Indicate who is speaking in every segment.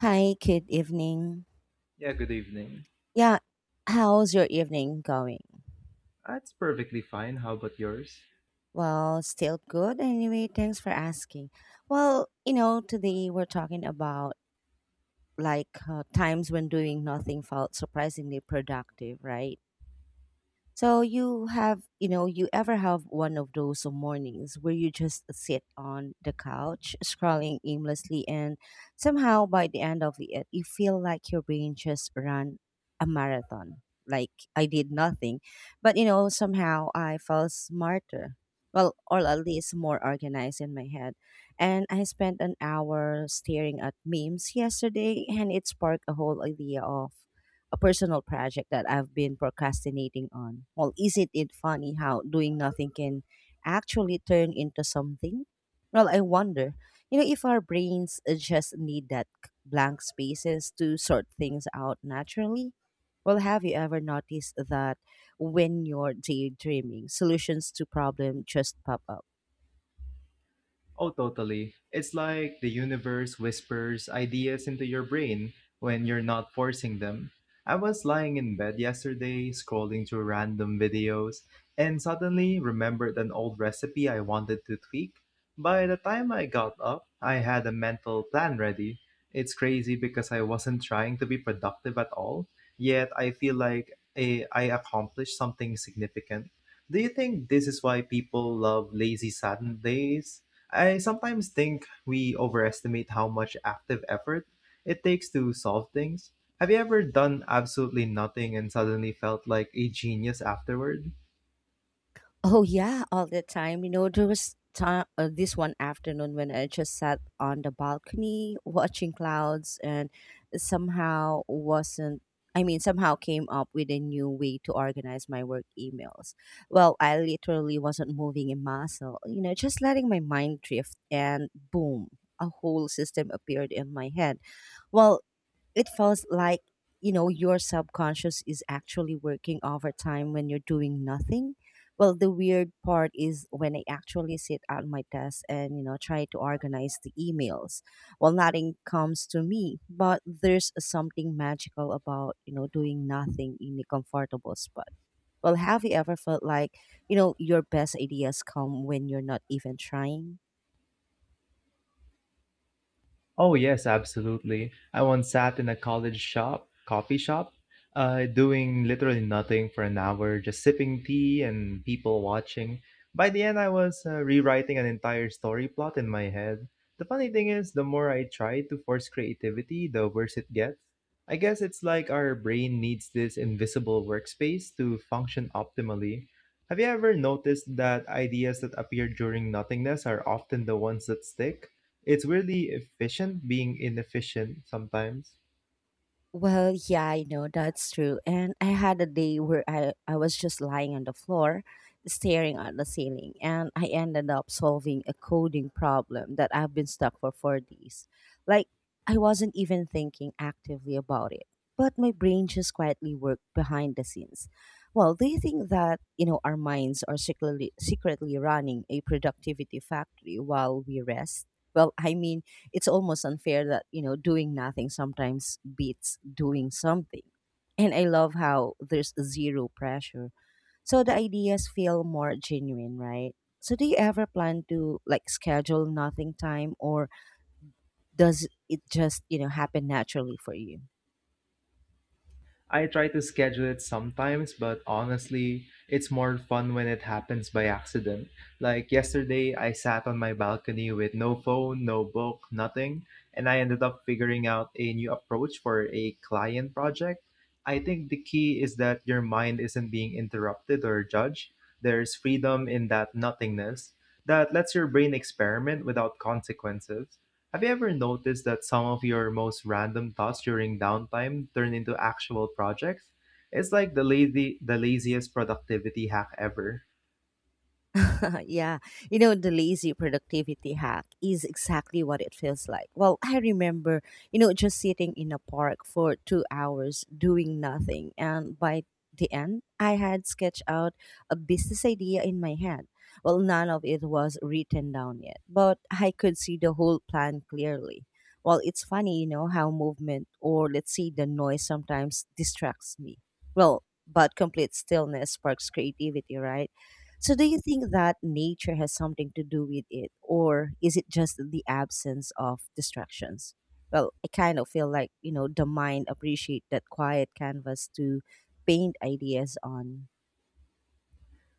Speaker 1: Hi, good evening.
Speaker 2: Yeah, good evening.
Speaker 1: Yeah, how's your evening going?
Speaker 2: It's perfectly fine. How about yours?
Speaker 1: Well, still good anyway. Thanks for asking. Well, you know, today we're talking about times when doing nothing felt surprisingly productive, right? So you have, you know, you ever have one of those mornings where you just sit on the couch scrolling aimlessly and somehow by the end of it you feel like your brain just ran a marathon. Like I did nothing, but you know, somehow I felt smarter. Well, or at least more organized in my head. And I spent an hour staring at memes yesterday and it sparked a whole idea of a personal project that I've been procrastinating on. Well, isn't it funny how doing nothing can actually turn into something? Well, I wonder, you know, if our brains just need that blank spaces to sort things out naturally. Well, have you ever noticed that when you're daydreaming, solutions to problem just pop up?
Speaker 2: Oh, totally. It's like the universe whispers ideas into your brain when you're not forcing them. I was lying in bed yesterday, scrolling through random videos, and suddenly remembered an old recipe I wanted to tweak. By the time I got up, I had a mental plan ready. It's crazy because I wasn't trying to be productive at all, yet I feel like I accomplished something significant. Do you think this is why people love lazy Saturdays? I sometimes think we overestimate how much active effort it takes to solve things. Have you ever done absolutely nothing and suddenly felt like a genius afterward?
Speaker 1: Oh yeah, all the time. You know, there was time, this one afternoon when I just sat on the balcony watching clouds and somehow wasn't I mean somehow came up with a new way to organize my work emails. Well, I literally wasn't moving a muscle, you know, just letting my mind drift and boom, a whole system appeared in my head. Well, it feels like you know your subconscious is actually working overtime when you're doing nothing. Well, the weird part is when I actually sit at my desk and, you know, try to organize the emails. Well, nothing comes to me, but there's something magical about, you know, doing nothing in a comfortable spot. Well, have you ever felt like, you know, your best ideas come when you're not even trying?
Speaker 2: Oh yes, absolutely. I once sat in a coffee shop, doing literally nothing for an hour, just sipping tea and people watching. By the end, I was rewriting an entire story plot in my head. The funny thing is, the more I try to force creativity, the worse it gets. I guess it's like our brain needs this invisible workspace to function optimally. Have you ever noticed that ideas that appear during nothingness are often the ones that stick? It's weirdly efficient being inefficient sometimes.
Speaker 1: Well, yeah, I know that's true. And I had a day where I was just lying on the floor, staring at the ceiling, and I ended up solving a coding problem that I've been stuck for 4 days. Like, I wasn't even thinking actively about it, but my brain just quietly worked behind the scenes. Well, do you think that, you know, our minds are secretly running a productivity factory while we rest? Well, I mean, it's almost unfair that you know doing nothing sometimes beats doing something, and I love how there's zero pressure, so the ideas feel more genuine, right? So do you ever plan to like schedule nothing time, or does it just you know happen naturally for you?
Speaker 2: I try to schedule it sometimes, but honestly, it's more fun when it happens by accident. Like yesterday, I sat on my balcony with no phone, no book, nothing, and I ended up figuring out a new approach for a client project. I think the key is that your mind isn't being interrupted or judged. There's freedom in that nothingness that lets your brain experiment without consequences. Have you ever noticed that some of your most random thoughts during downtime turn into actual projects? It's like the laziest productivity hack ever.
Speaker 1: Yeah, you know, the lazy productivity hack is exactly what it feels like. Well, I remember, you know, just sitting in a park for 2 hours doing nothing. And by the end, I had sketched out a business idea in my head. Well, none of it was written down yet, but I could see the whole plan clearly. Well, it's funny, you know, how movement or let's say the noise sometimes distracts me. Well, but complete stillness sparks creativity, right? So, do you think that nature has something to do with it, or is it just the absence of distractions? Well, I kind of feel like you know the mind appreciate that quiet canvas to paint ideas on.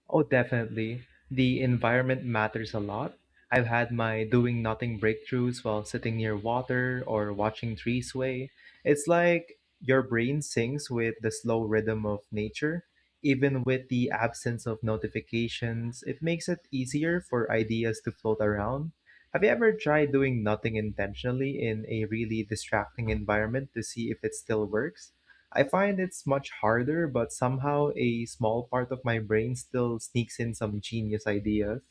Speaker 2: Oh, definitely. The environment matters a lot. I've had my doing nothing breakthroughs while sitting near water or watching trees sway. It's like your brain syncs with the slow rhythm of nature. Even with the absence of notifications, it makes it easier for ideas to float around. Have you ever tried doing nothing intentionally in a really distracting environment to see if it still works? I find it's much harder, but somehow a small part of my brain still sneaks in some genius ideas.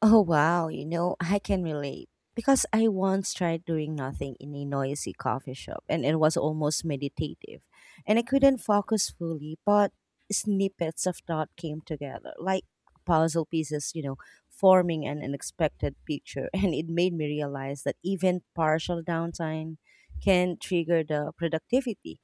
Speaker 1: Oh wow, you know, I can relate. Because I once tried doing nothing in a noisy coffee shop and it was almost meditative. And I couldn't focus fully, but snippets of thought came together, like puzzle pieces, you know, forming an unexpected picture. And it made me realize that even partial downtime can trigger the productivity.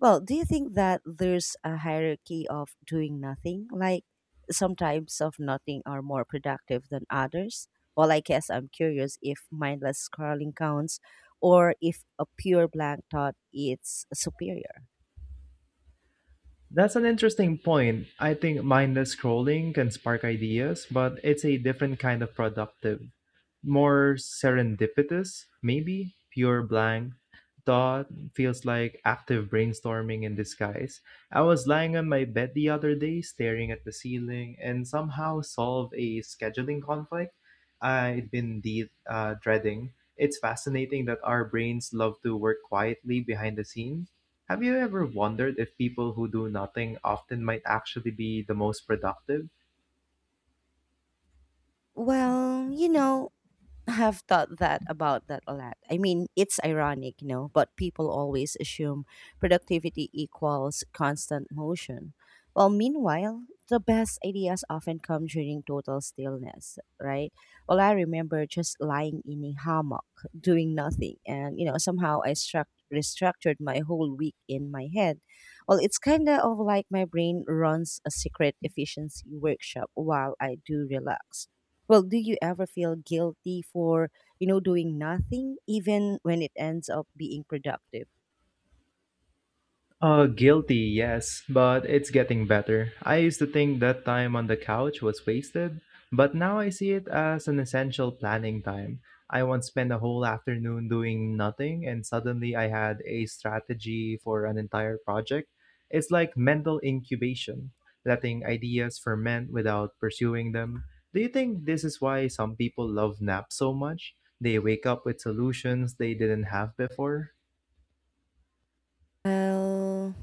Speaker 1: Well, do you think that there's a hierarchy of doing nothing? Like some types of nothing are more productive than others? Well, I guess I'm curious if mindless scrolling counts or if a pure blank thought is superior.
Speaker 2: That's an interesting point. I think mindless scrolling can spark ideas, but it's a different kind of productive. More serendipitous, maybe? Pure blank thought feels like active brainstorming in disguise. I was lying on my bed the other day, staring at the ceiling, and somehow solved a scheduling conflict I'd been dreading. It's fascinating that our brains love to work quietly behind the scenes. Have you ever wondered if people who do nothing often might actually be the most productive?
Speaker 1: Well, you know, I have thought that about that a lot. I mean, it's ironic, you know, but people always assume productivity equals constant motion. Well, meanwhile, the best ideas often come during total stillness, right? Well, I remember just lying in a hammock, doing nothing, and you know, somehow I struck restructured my whole week in my head. Well, it's kind of like my brain runs a secret efficiency workshop while I do relax. Well, do you ever feel guilty for, you know, doing nothing even when it ends up being productive?
Speaker 2: Guilty, yes, but it's getting better. I used to think that time on the couch was wasted, but now I see it as an essential planning time. I once spent a whole afternoon doing nothing, and suddenly I had a strategy for an entire project. It's like mental incubation, letting ideas ferment without pursuing them. Do you think this is why some people love naps so much? They wake up with solutions they didn't have before?
Speaker 1: Well,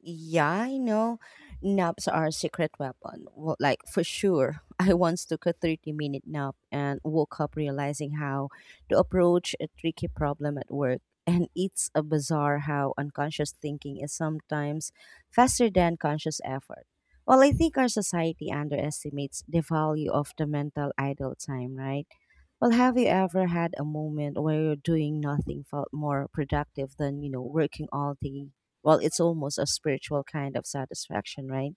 Speaker 1: yeah, I know naps are a secret weapon. Well, like for sure. I once took a 30-minute nap and woke up realizing how to approach a tricky problem at work. And it's a bizarre how unconscious thinking is sometimes faster than conscious effort. Well, I think our society underestimates the value of the mental idle time, right? Well, have you ever had a moment where doing nothing felt more productive than, you know, working all day? Well, it's almost a spiritual kind of satisfaction, right?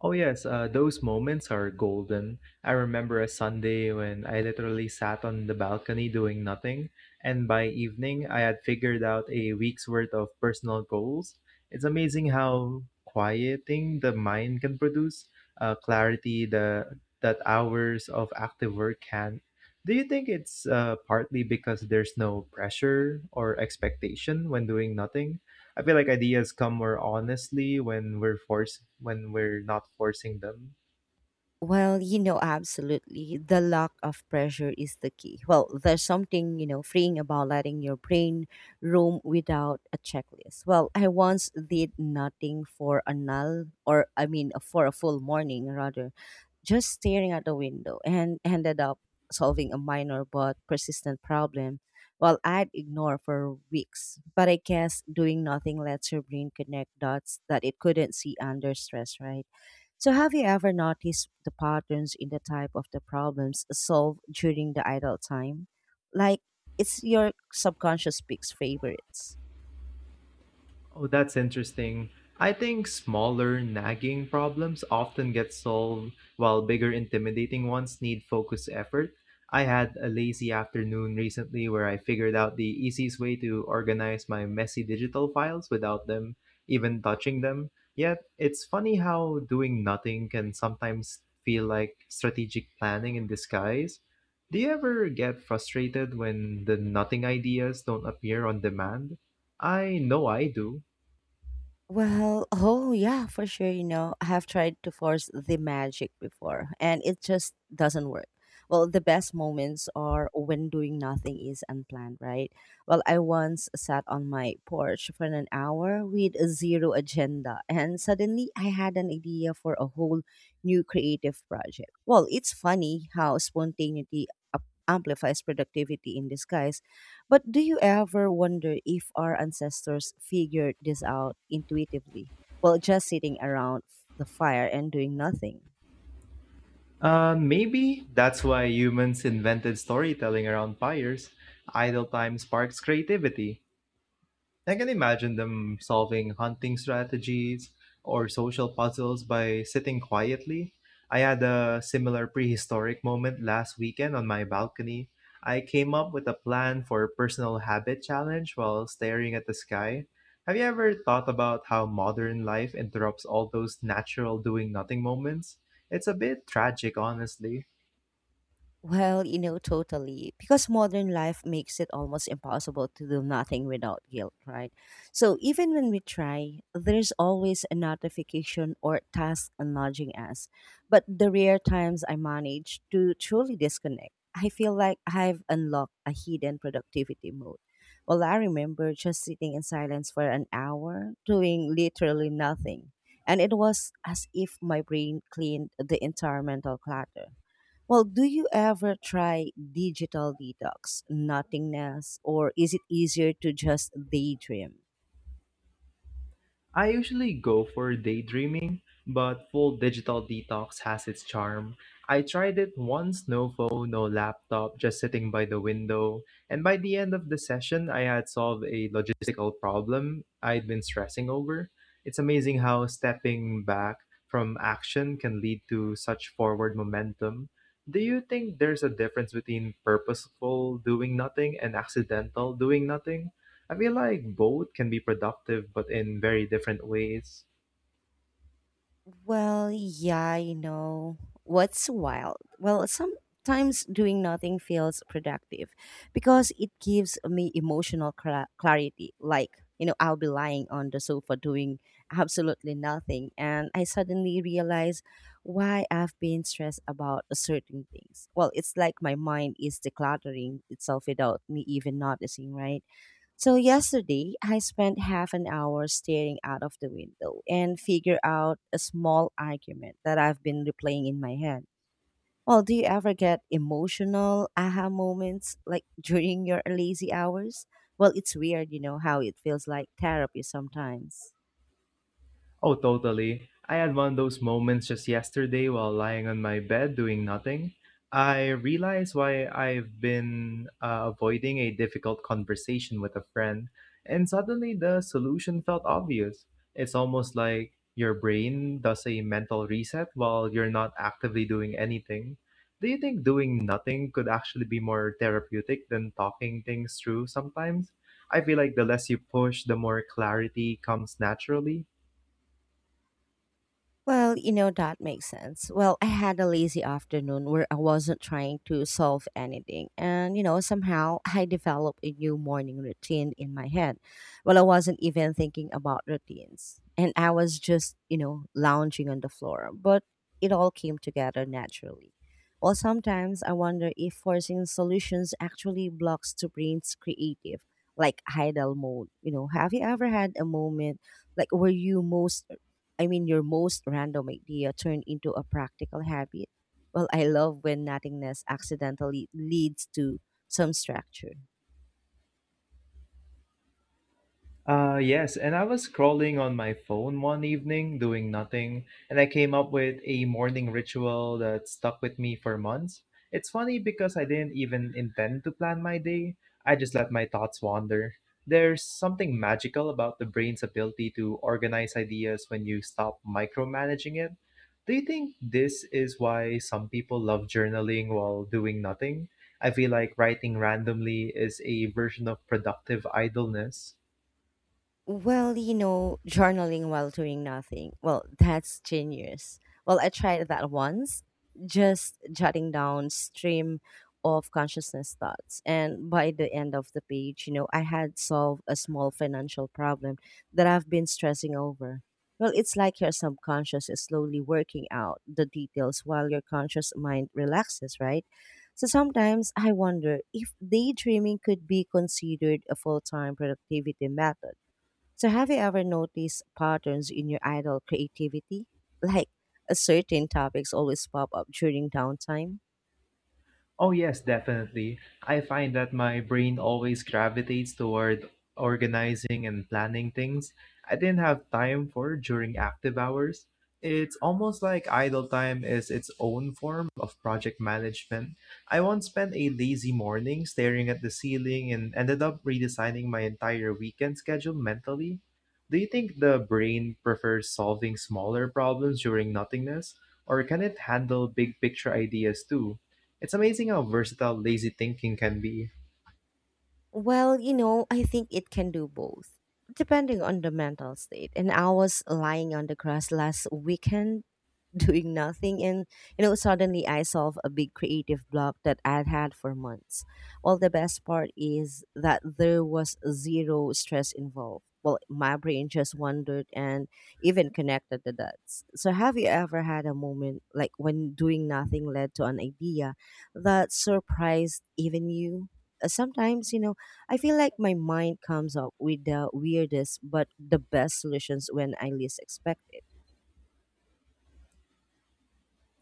Speaker 2: Oh, yes, those moments are golden. I remember a Sunday when I literally sat on the balcony doing nothing, and by evening I had figured out a week's worth of personal goals. It's amazing how quieting the mind can produce clarity that hours of active work can. Do you think it's partly because there's no pressure or expectation when doing nothing? I feel like ideas come more honestly when we're forced when we're not forcing them.
Speaker 1: Well, you know, absolutely. The lack of pressure is the key. Well, there's something, you know, freeing about letting your brain roam without a checklist. Well, I once did nothing for a null, or I mean, for a full morning rather, just staring out the window and ended up solving a minor but persistent problem while I'd ignore for weeks. But I guess doing nothing lets your brain connect dots that it couldn't see under stress, right? So, have you ever noticed the patterns in the type of the problems solved during the idle time? Like, it's your subconscious picks favorites.
Speaker 2: Oh, that's interesting. I think smaller nagging problems often get solved while bigger intimidating ones need focused effort. I had a lazy afternoon recently where I figured out the easiest way to organize my messy digital files without them even touching them. Yet, it's funny how doing nothing can sometimes feel like strategic planning in disguise. Do you ever get frustrated when the nothing ideas don't appear on demand? I know I do.
Speaker 1: Well, oh yeah, for sure. You know, I have tried to force the magic before and it just doesn't work. Well, the best moments are when doing nothing is unplanned, right? Well, I once sat on my porch for an hour with zero agenda and suddenly I had an idea for a whole new creative project. Well, it's funny how spontaneity amplifies productivity in disguise, but do you ever wonder if our ancestors figured this out intuitively? Well, just sitting around the fire and doing nothing.
Speaker 2: Maybe that's why humans invented storytelling around fires. Idle time sparks creativity. I can imagine them solving hunting strategies or social puzzles by sitting quietly. I had a similar prehistoric moment last weekend on my balcony. I came up with a plan for a personal habit challenge while staring at the sky. Have you ever thought about how modern life interrupts all those natural doing nothing moments? It's a bit tragic, honestly.
Speaker 1: Well, you know, totally. Because modern life makes it almost impossible to do nothing without guilt, right? So even when we try, there's always a notification or task nudging us. But the rare times I manage to truly disconnect, I feel like I've unlocked a hidden productivity mode. Well, I remember just sitting in silence for an hour, doing literally nothing. And it was as if my brain cleaned the entire mental clutter. Well, do you ever try digital detox, nothingness, or is it easier to just daydream?
Speaker 2: I usually go for daydreaming, but full digital detox has its charm. I tried it once, no phone, no laptop, just sitting by the window. And by the end of the session, I had solved a logistical problem I'd been stressing over. It's amazing how stepping back from action can lead to such forward momentum. Do you think there's a difference between purposeful doing nothing and accidental doing nothing? I feel like both can be productive, but in very different ways.
Speaker 1: Well, yeah, you know, what's wild? Well, sometimes doing nothing feels productive because it gives me emotional clarity. Like, you know, I'll be lying on the sofa doing absolutely nothing, and I suddenly realize why I've been stressed about certain things. Well, it's like my mind is decluttering itself without me even noticing, right? So yesterday, I spent half an hour staring out of the window and figure out a small argument that I've been replaying in my head. Well, do you ever get emotional aha moments like during your lazy hours? Well, it's weird, you know, how it feels like therapy sometimes.
Speaker 2: Oh, totally. I had one of those moments just yesterday while lying on my bed doing nothing. I realized why I've been avoiding a difficult conversation with a friend, and suddenly the solution felt obvious. It's almost like your brain does a mental reset while you're not actively doing anything. Do you think doing nothing could actually be more therapeutic than talking things through sometimes? I feel like the less you push, the more clarity comes naturally.
Speaker 1: Well, you know, that makes sense. Well, I had a lazy afternoon where I wasn't trying to solve anything. And, you know, somehow I developed a new morning routine in my head. Well, I wasn't even thinking about routines. And I was just, you know, lounging on the floor. But it all came together naturally. Well, sometimes I wonder if forcing solutions actually blocks the brain's creative, like idle mode. You know, have you ever had a moment like where your most random idea turned into a practical habit. Well, I love when nothingness accidentally leads to some structure.
Speaker 2: Yes, and I was scrolling on my phone one evening doing nothing, and I came up with a morning ritual that stuck with me for months. It's funny because I didn't even intend to plan my day, I just let my thoughts wander. There's something magical about the brain's ability to organize ideas when you stop micromanaging it. Do you think this is why some people love journaling while doing nothing? I feel like writing randomly is a version of productive idleness.
Speaker 1: Well, you know, journaling while doing nothing. Well, that's genius. Well, I tried that once, just jotting down stream of consciousness thoughts. And by the end of the page, you know, I had solved a small financial problem that I've been stressing over. Well, it's like your subconscious is slowly working out the details while your conscious mind relaxes, right? So sometimes I wonder if daydreaming could be considered a full time productivity method. So, have you ever noticed patterns in your idle creativity? Like, a certain topics always pop up during downtime?
Speaker 2: Oh, yes, definitely. I find that my brain always gravitates toward organizing and planning things I didn't have time for during active hours. It's almost like idle time is its own form of project management. I once spent a lazy morning staring at the ceiling and ended up redesigning my entire weekend schedule mentally. Do you think the brain prefers solving smaller problems during nothingness, or can it handle big picture ideas too? It's amazing how versatile lazy thinking can be.
Speaker 1: Well, you know, I think it can do both, depending on the mental state. And I was lying on the grass last weekend doing nothing, and you know suddenly I solved a big creative block that I'd had for months. Well, the best part is that there was zero stress involved. Well, my brain just wondered and even connected the dots. So have you ever had a moment like when doing nothing led to an idea that surprised even you? Sometimes you know I feel like my mind comes up with the weirdest but the best solutions when I least expect it.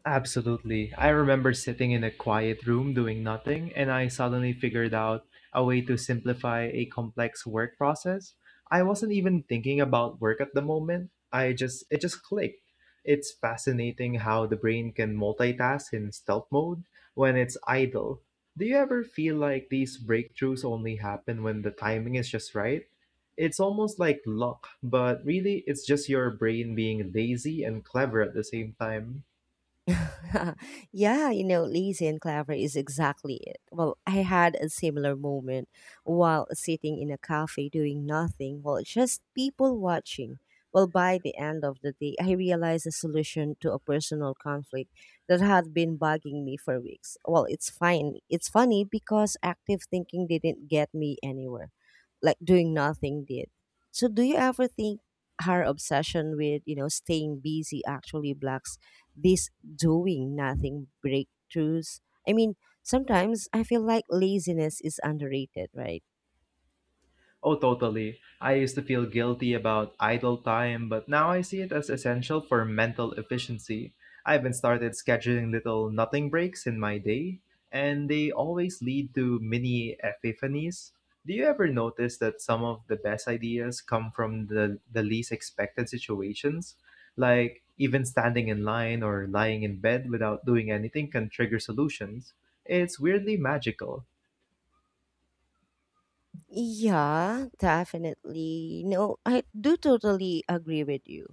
Speaker 2: Absolutely. I remember sitting in a quiet room doing nothing, and I suddenly figured out a way to simplify a complex work process. I wasn't even thinking about work at the moment. I just It just clicked. It's fascinating how the brain can multitask in stealth mode when it's idle. Do you ever feel like these breakthroughs only happen when the timing is just right? It's almost like luck, but really it's just your brain being lazy and clever at the same time.
Speaker 1: Yeah, you know, lazy and clever is exactly it. Well, I had a similar moment while sitting in a cafe doing nothing, well, just people watching. Well, by the end of the day, I realized a solution to a personal conflict that had been bugging me for weeks. Well, it's fine. It's funny because active thinking didn't get me anywhere, like doing nothing did. So, do you ever think her obsession with, staying busy actually blocks this doing nothing breakthroughs. I mean, sometimes I feel like laziness is underrated, right?
Speaker 2: Oh, totally. I used to feel guilty about idle time, but now I see it as essential for mental efficiency. I even started scheduling little nothing breaks in my day, and they always lead to mini epiphanies. Do you ever notice that some of the best ideas come from the least expected situations? Like even standing in line or lying in bed without doing anything can trigger solutions. It's weirdly magical.
Speaker 1: Yeah, definitely. No, I do totally agree with you.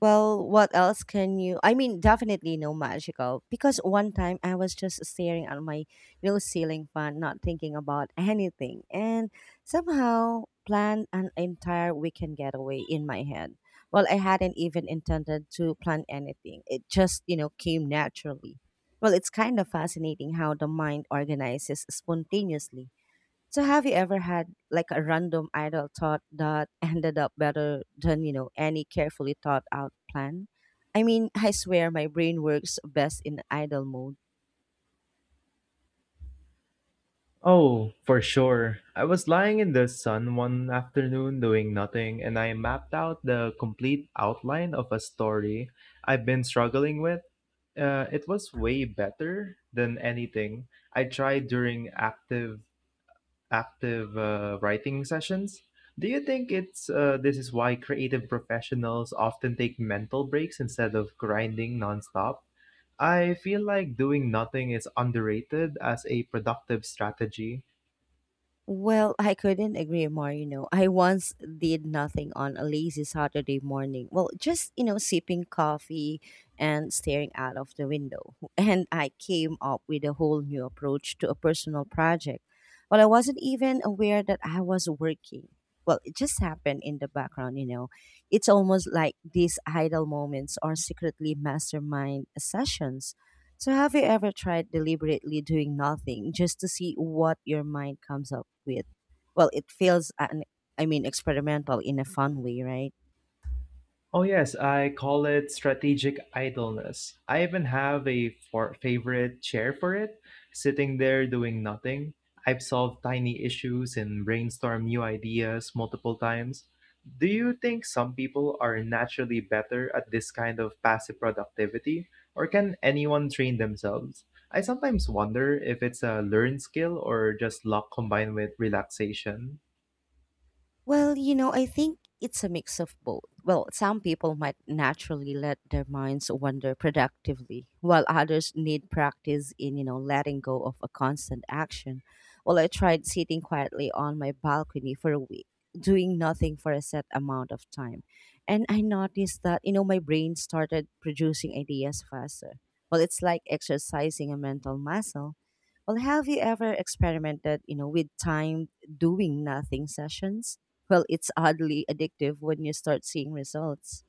Speaker 1: Well, what else can you? I mean, definitely no magical. Because one time I was just staring at my, ceiling fan, not thinking about anything, and somehow planned an entire weekend getaway in my head. Well, I hadn't even intended to plan anything. It just, came naturally. Well, it's kind of fascinating how the mind organizes spontaneously. So have you ever had like a random idle thought that ended up better than, any carefully thought out plan? I mean, I swear my brain works best in idle mode.
Speaker 2: Oh, for sure. I was lying in the sun one afternoon doing nothing, and I mapped out the complete outline of a story I've been struggling with. It was way better than anything I tried during active active writing sessions. Do you think it's this is why creative professionals often take mental breaks instead of grinding nonstop? I feel like doing nothing is underrated as a productive strategy.
Speaker 1: Well, I couldn't agree more, you know. I once did nothing on a lazy Saturday morning. Well, just, sipping coffee and staring out of the window. And I came up with a whole new approach to a personal project. Well, I wasn't even aware that I was working. Well, it just happened in the background, you know. It's almost like these idle moments are secretly mastermind sessions. So, have you ever tried deliberately doing nothing just to see what your mind comes up with? Well, I mean, experimental in a fun way, right?
Speaker 2: Oh, yes, I call it strategic idleness. I even have a favorite chair for it, sitting there doing nothing. I've solved tiny issues and brainstormed new ideas multiple times. Do you think some people are naturally better at this kind of passive productivity, or can anyone train themselves? I sometimes wonder if it's a learned skill or just luck combined with relaxation.
Speaker 1: Well, you know, I think it's a mix of both. Well, some people might naturally let their minds wander productively, while others need practice in, letting go of a constant action. Well, I tried sitting quietly on my balcony for a week, doing nothing for a set amount of time. And I noticed that, my brain started producing ideas faster. Well, it's like exercising a mental muscle. Well, have you ever experimented, with time doing nothing sessions? Well, it's oddly addictive when you start seeing results.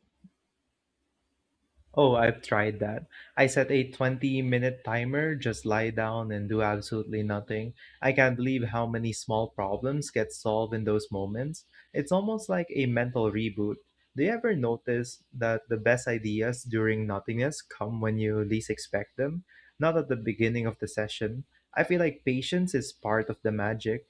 Speaker 2: Oh, I've tried that. I set a 20-minute minute timer, just lie down and do absolutely nothing. I can't believe how many small problems get solved in those moments. It's almost like a mental reboot. Do you ever notice that the best ideas during nothingness come when you least expect them? Not at the beginning of the session. I feel like patience is part of the magic.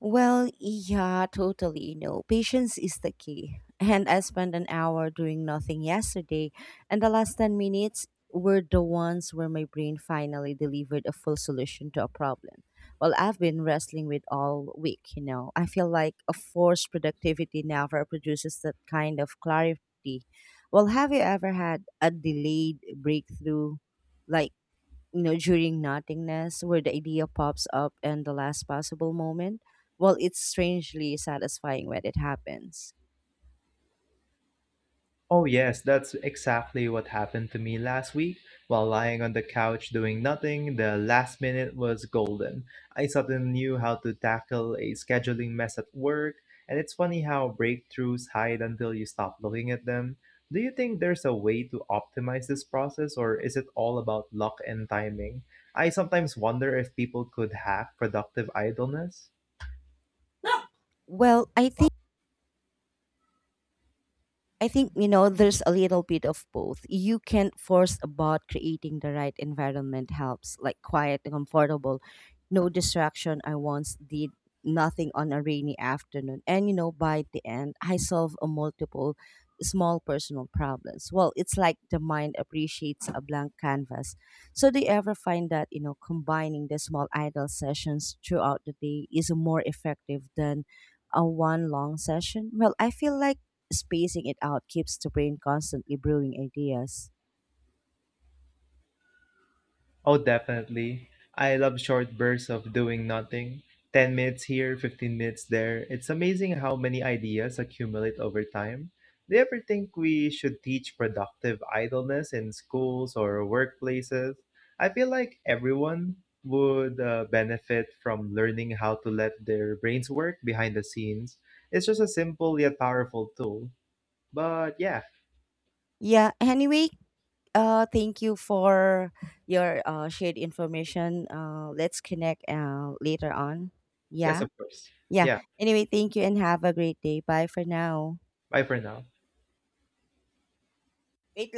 Speaker 1: Well, yeah, totally. No, patience is the key. And I spent an hour doing nothing yesterday, and the last 10 minutes were the ones where my brain finally delivered a full solution to a problem. Well, I've been wrestling with all week, you know. I feel like a forced productivity never produces that kind of clarity. Well, have you ever had a delayed breakthrough? Like, during nothingness, where the idea pops up in the last possible moment. Well, it's strangely satisfying when it happens.
Speaker 2: Oh, yes, that's exactly what happened to me last week. While lying on the couch doing nothing, the last minute was golden. I suddenly knew how to tackle a scheduling mess at work, and it's funny how breakthroughs hide until you stop looking at them. Do you think there's a way to optimize this process, or is it all about luck and timing? I sometimes wonder if people could hack productive idleness.
Speaker 1: Well, I think you know there's a little bit of both. You can force about creating the right environment helps, like quiet and comfortable, no distraction. I once did nothing on a rainy afternoon, and you know by the end I solve a multiple small personal problems. Well, it's like the mind appreciates a blank canvas. So do you ever find that you know combining the small idle sessions throughout the day is more effective than a one long session? Well, I feel like spacing it out keeps the brain constantly brewing ideas.
Speaker 2: Oh, definitely. I love short bursts of doing nothing. 10 minutes here, 15 minutes there. It's amazing how many ideas accumulate over time. Do you ever think we should teach productive idleness in schools or workplaces? I feel like everyone would benefit from learning how to let their brains work behind the scenes. It's just a simple yet powerful tool. But yeah,
Speaker 1: Yeah. Anyway, thank you for your shared information. Let's connect later on.
Speaker 2: yes,
Speaker 1: Yeah.
Speaker 2: of course.
Speaker 1: Yeah.
Speaker 2: Yeah,
Speaker 1: Anyway, thank you and have a great day. Bye for now.
Speaker 2: bye for now.
Speaker 1: Wait